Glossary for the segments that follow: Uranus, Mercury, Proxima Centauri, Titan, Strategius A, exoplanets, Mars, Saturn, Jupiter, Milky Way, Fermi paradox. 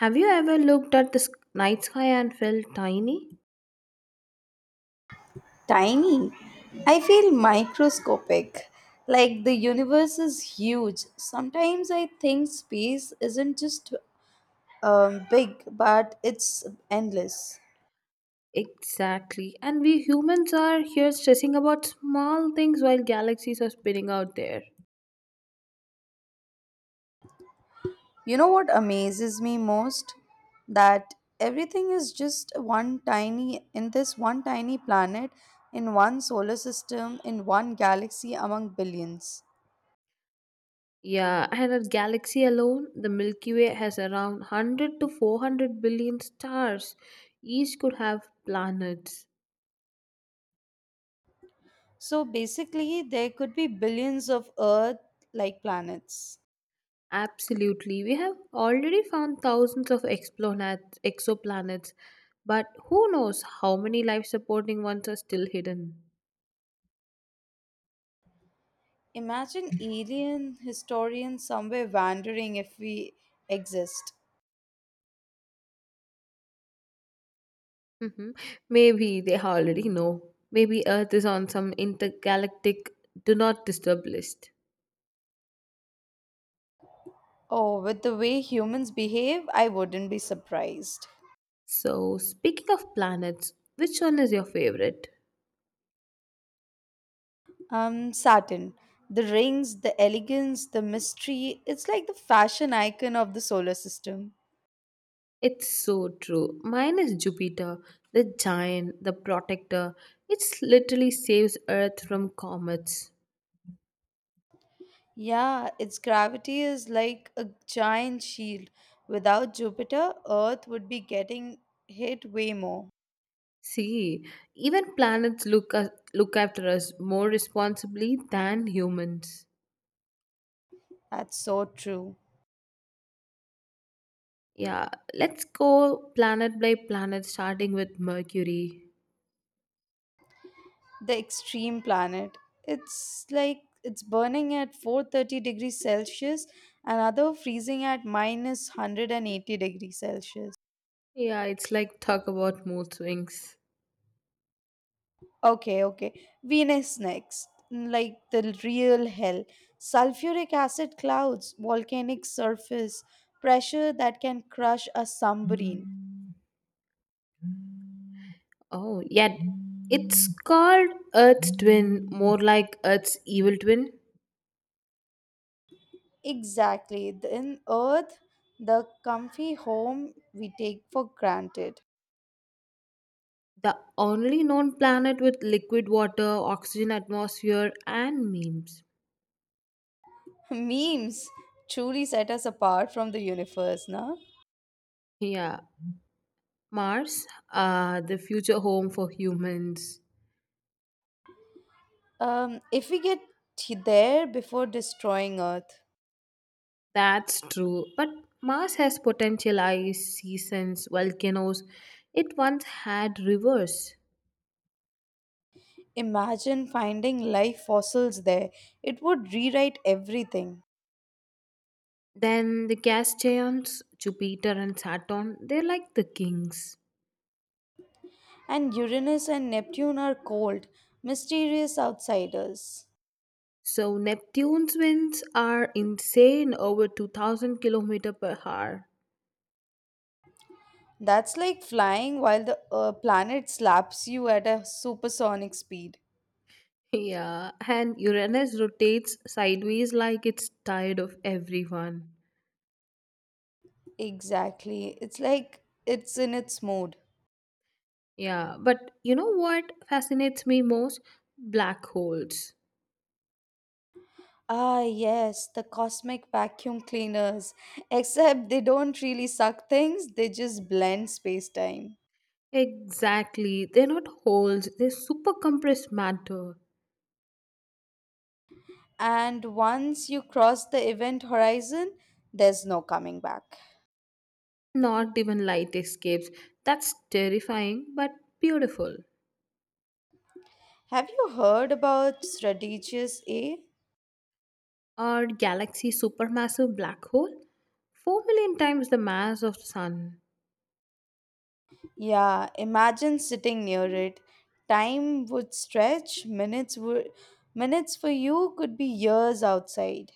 Have you ever looked at the night sky and felt tiny? Tiny. I feel microscopic, like the universe is huge. Sometimes I think space isn't just big, but it's endless. Exactly. And we humans are here stressing about small things while galaxies are spinning out there. You know what amazes me most? That everything is just in this one tiny planet, in one solar system, in one galaxy among billions. Yeah, and our galaxy alone, the Milky Way has around 100 to 400 billion stars. Each could have planets. So basically, there could be billions of Earth like planets. Absolutely. We have already found thousands of exoplanets, but who knows how many life supporting ones are still hidden. Imagine alien historians somewhere wondering if we exist. Mhm. Maybe they already know. Maybe Earth is on some intergalactic do not disturb list. Oh, with the way humans behave, I wouldn't be surprised. So, speaking of planets, which one is your favorite? Saturn. The rings, the elegance, the mystery, it's like the fashion icon of the solar system. It's so true. Mine is Jupiter, the giant, the protector. It literally saves Earth from comets. Yeah, its gravity is like a giant shield. Without Jupiter, Earth would be getting hit way more. See, even planets look after us more responsibly than humans. That's so true. Yeah, let's go planet by planet, starting with Mercury. The extreme planet. It's like it's burning at 430 degrees Celsius, another freezing at minus 180 degrees Celsius. Yeah, it's like talk about mood swings. Okay, okay. Venus next. Like the real hell. Sulfuric acid clouds, volcanic surface, pressure that can crush a submarine. Oh, yeah. It's called Earth's twin, more like Earth's evil twin. Exactly. Then Earth, the comfy home we take for granted. The only known planet with liquid water, oxygen atmosphere, and memes. Memes truly set us apart from the universe, no? Yeah, Mars, the future home for humans. If we get there before destroying Earth, That's true. But Mars has potential ice, seasons, volcanoes. It once had rivers. imagine finding life fossils there. It would rewrite everything. Then the gas giants, Jupiter and Saturn, they're like the kings. And Uranus and Neptune are cold, mysterious outsiders. So Neptune's winds are insane, over 2000 kilometer per hour. That's like flying while the planet slaps you at a supersonic speed. Yeah, and Uranus rotates sideways like it's tired of everyone. Exactly. It's like it's in its mode. Yeah, but you know what fascinates me most? Black holes. Ah, yes, the cosmic vacuum cleaners. Except they don't really suck things, they just blend space time. Exactly. They're not holes, they're super compressed matter. And once you cross the event horizon, there's no coming back. Not even light escapes. That's terrifying, but beautiful. Have you heard about Strategius A? Our galaxy supermassive black hole, 4 million times the mass of the sun. Yeah, imagine sitting near it. Time would stretch, minutes for you could be years outside.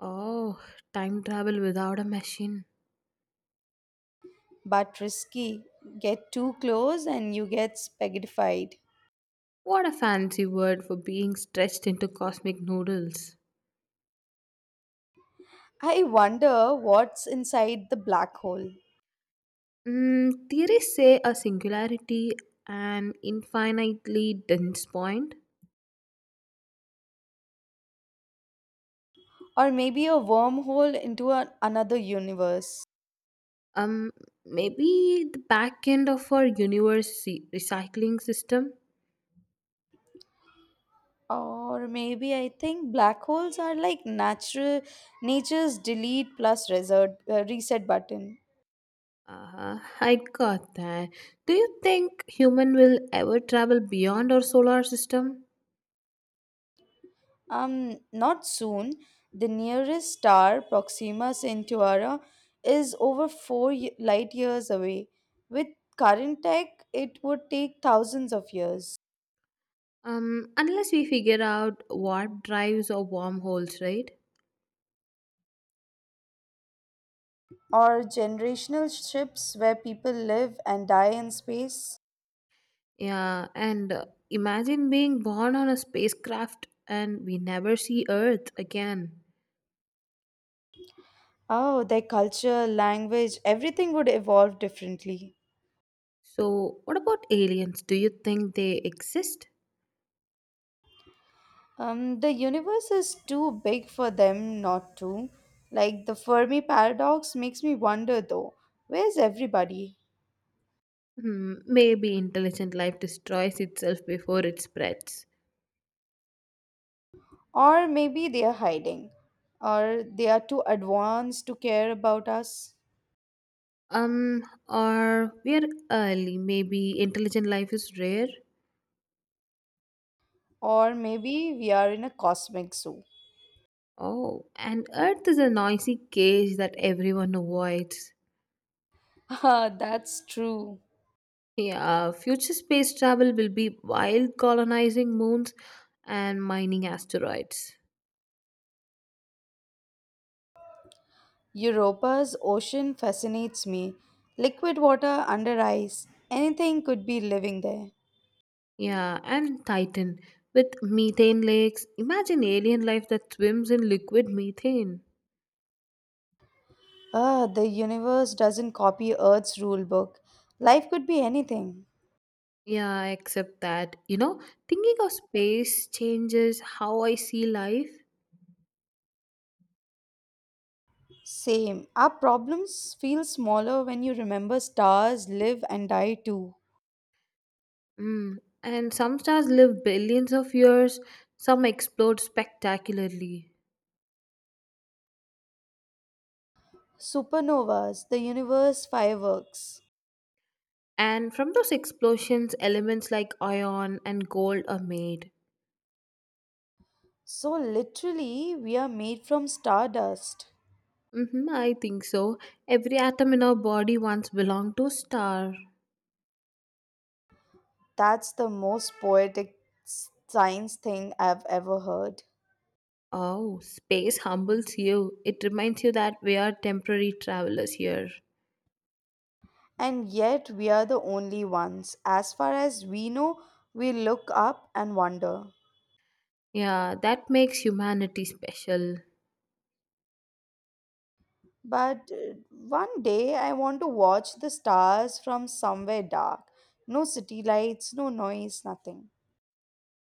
Oh, time travel without a machine. But risky. Get too close and you get spaghettified. What a fancy word for being stretched into cosmic noodles. I wonder what's inside the black hole. Theories say a singularity, an infinitely dense point. Or maybe a wormhole into another universe. um Maybe the back end of our universe recycling system. Or maybe I think black holes are like natural nature's delete plus reset button. I got that. Do you think human will ever travel beyond our solar system? Not soon. The nearest star, Proxima Centauri, is over 4 light years light years away. With current tech, it would take thousands of years. Unless we figure out what drives or wormholes, right? Or generational ships where people live and die in space? Yeah, and imagine being born on a spacecraft and we never see Earth again. Oh, their culture, language, everything would evolve differently. So, what about aliens? Do you think they exist? The universe is too big for them not to. Like the Fermi paradox makes me wonder though, where's everybody? Hmm, maybe intelligent life destroys itself before it spreads. Or maybe they are hiding, or they are too advanced to care about us, Um, or we're early. Maybe intelligent life is rare. or maybe we are in a cosmic zoo. Oh, and Earth is a noisy cage that everyone avoids. Ah, that's true. Yeah, future space travel will be wild. Colonizing moons and mining asteroids. Europa's ocean fascinates me. Liquid water under ice. Anything could be living there. Yeah, and Titan with methane lakes. Imagine alien life that swims in liquid methane. Ah, the universe doesn't copy Earth's rule book. Life could be anything. Yeah, except that, thinking of space changes how I see life. Same. Our problems feel smaller when you remember stars live and die too. Mm. And some stars live billions of years, some explode spectacularly. Supernovas, the universe fireworks. And from those explosions, elements like iron and gold are made. So literally, we are made from stardust. Mm-hmm, I think so. Every atom in our body once belonged to a star. That's the most poetic science thing I've ever heard. Oh, space humbles you. It reminds you that we are temporary travelers here. And yet, we are the only ones. As far as we know, we look up and wonder. Yeah, that makes humanity special. But one day, I want to watch the stars from somewhere dark. No city lights, no noise, nothing.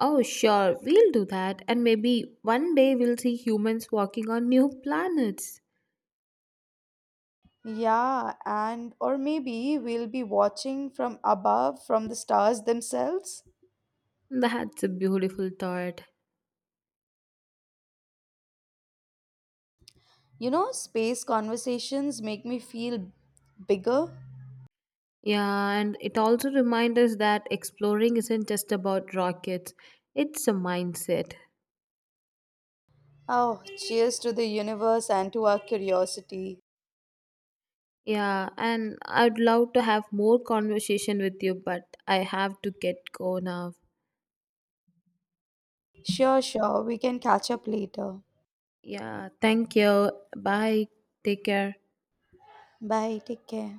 Oh, sure, we'll do that. And maybe one day we'll see humans walking on new planets. Yeah, and or maybe we'll be watching from above from the stars themselves. That's a beautiful thought. You know, space conversations make me feel bigger. Yeah, and it also reminds us that exploring isn't just about rockets, it's a mindset. Oh, cheers to the universe and to our curiosity. Yeah, and I'd love to have more conversation with you, but I have to get go now. Sure, sure, we can catch up later. Yeah, thank you. Bye. Take care. Bye take care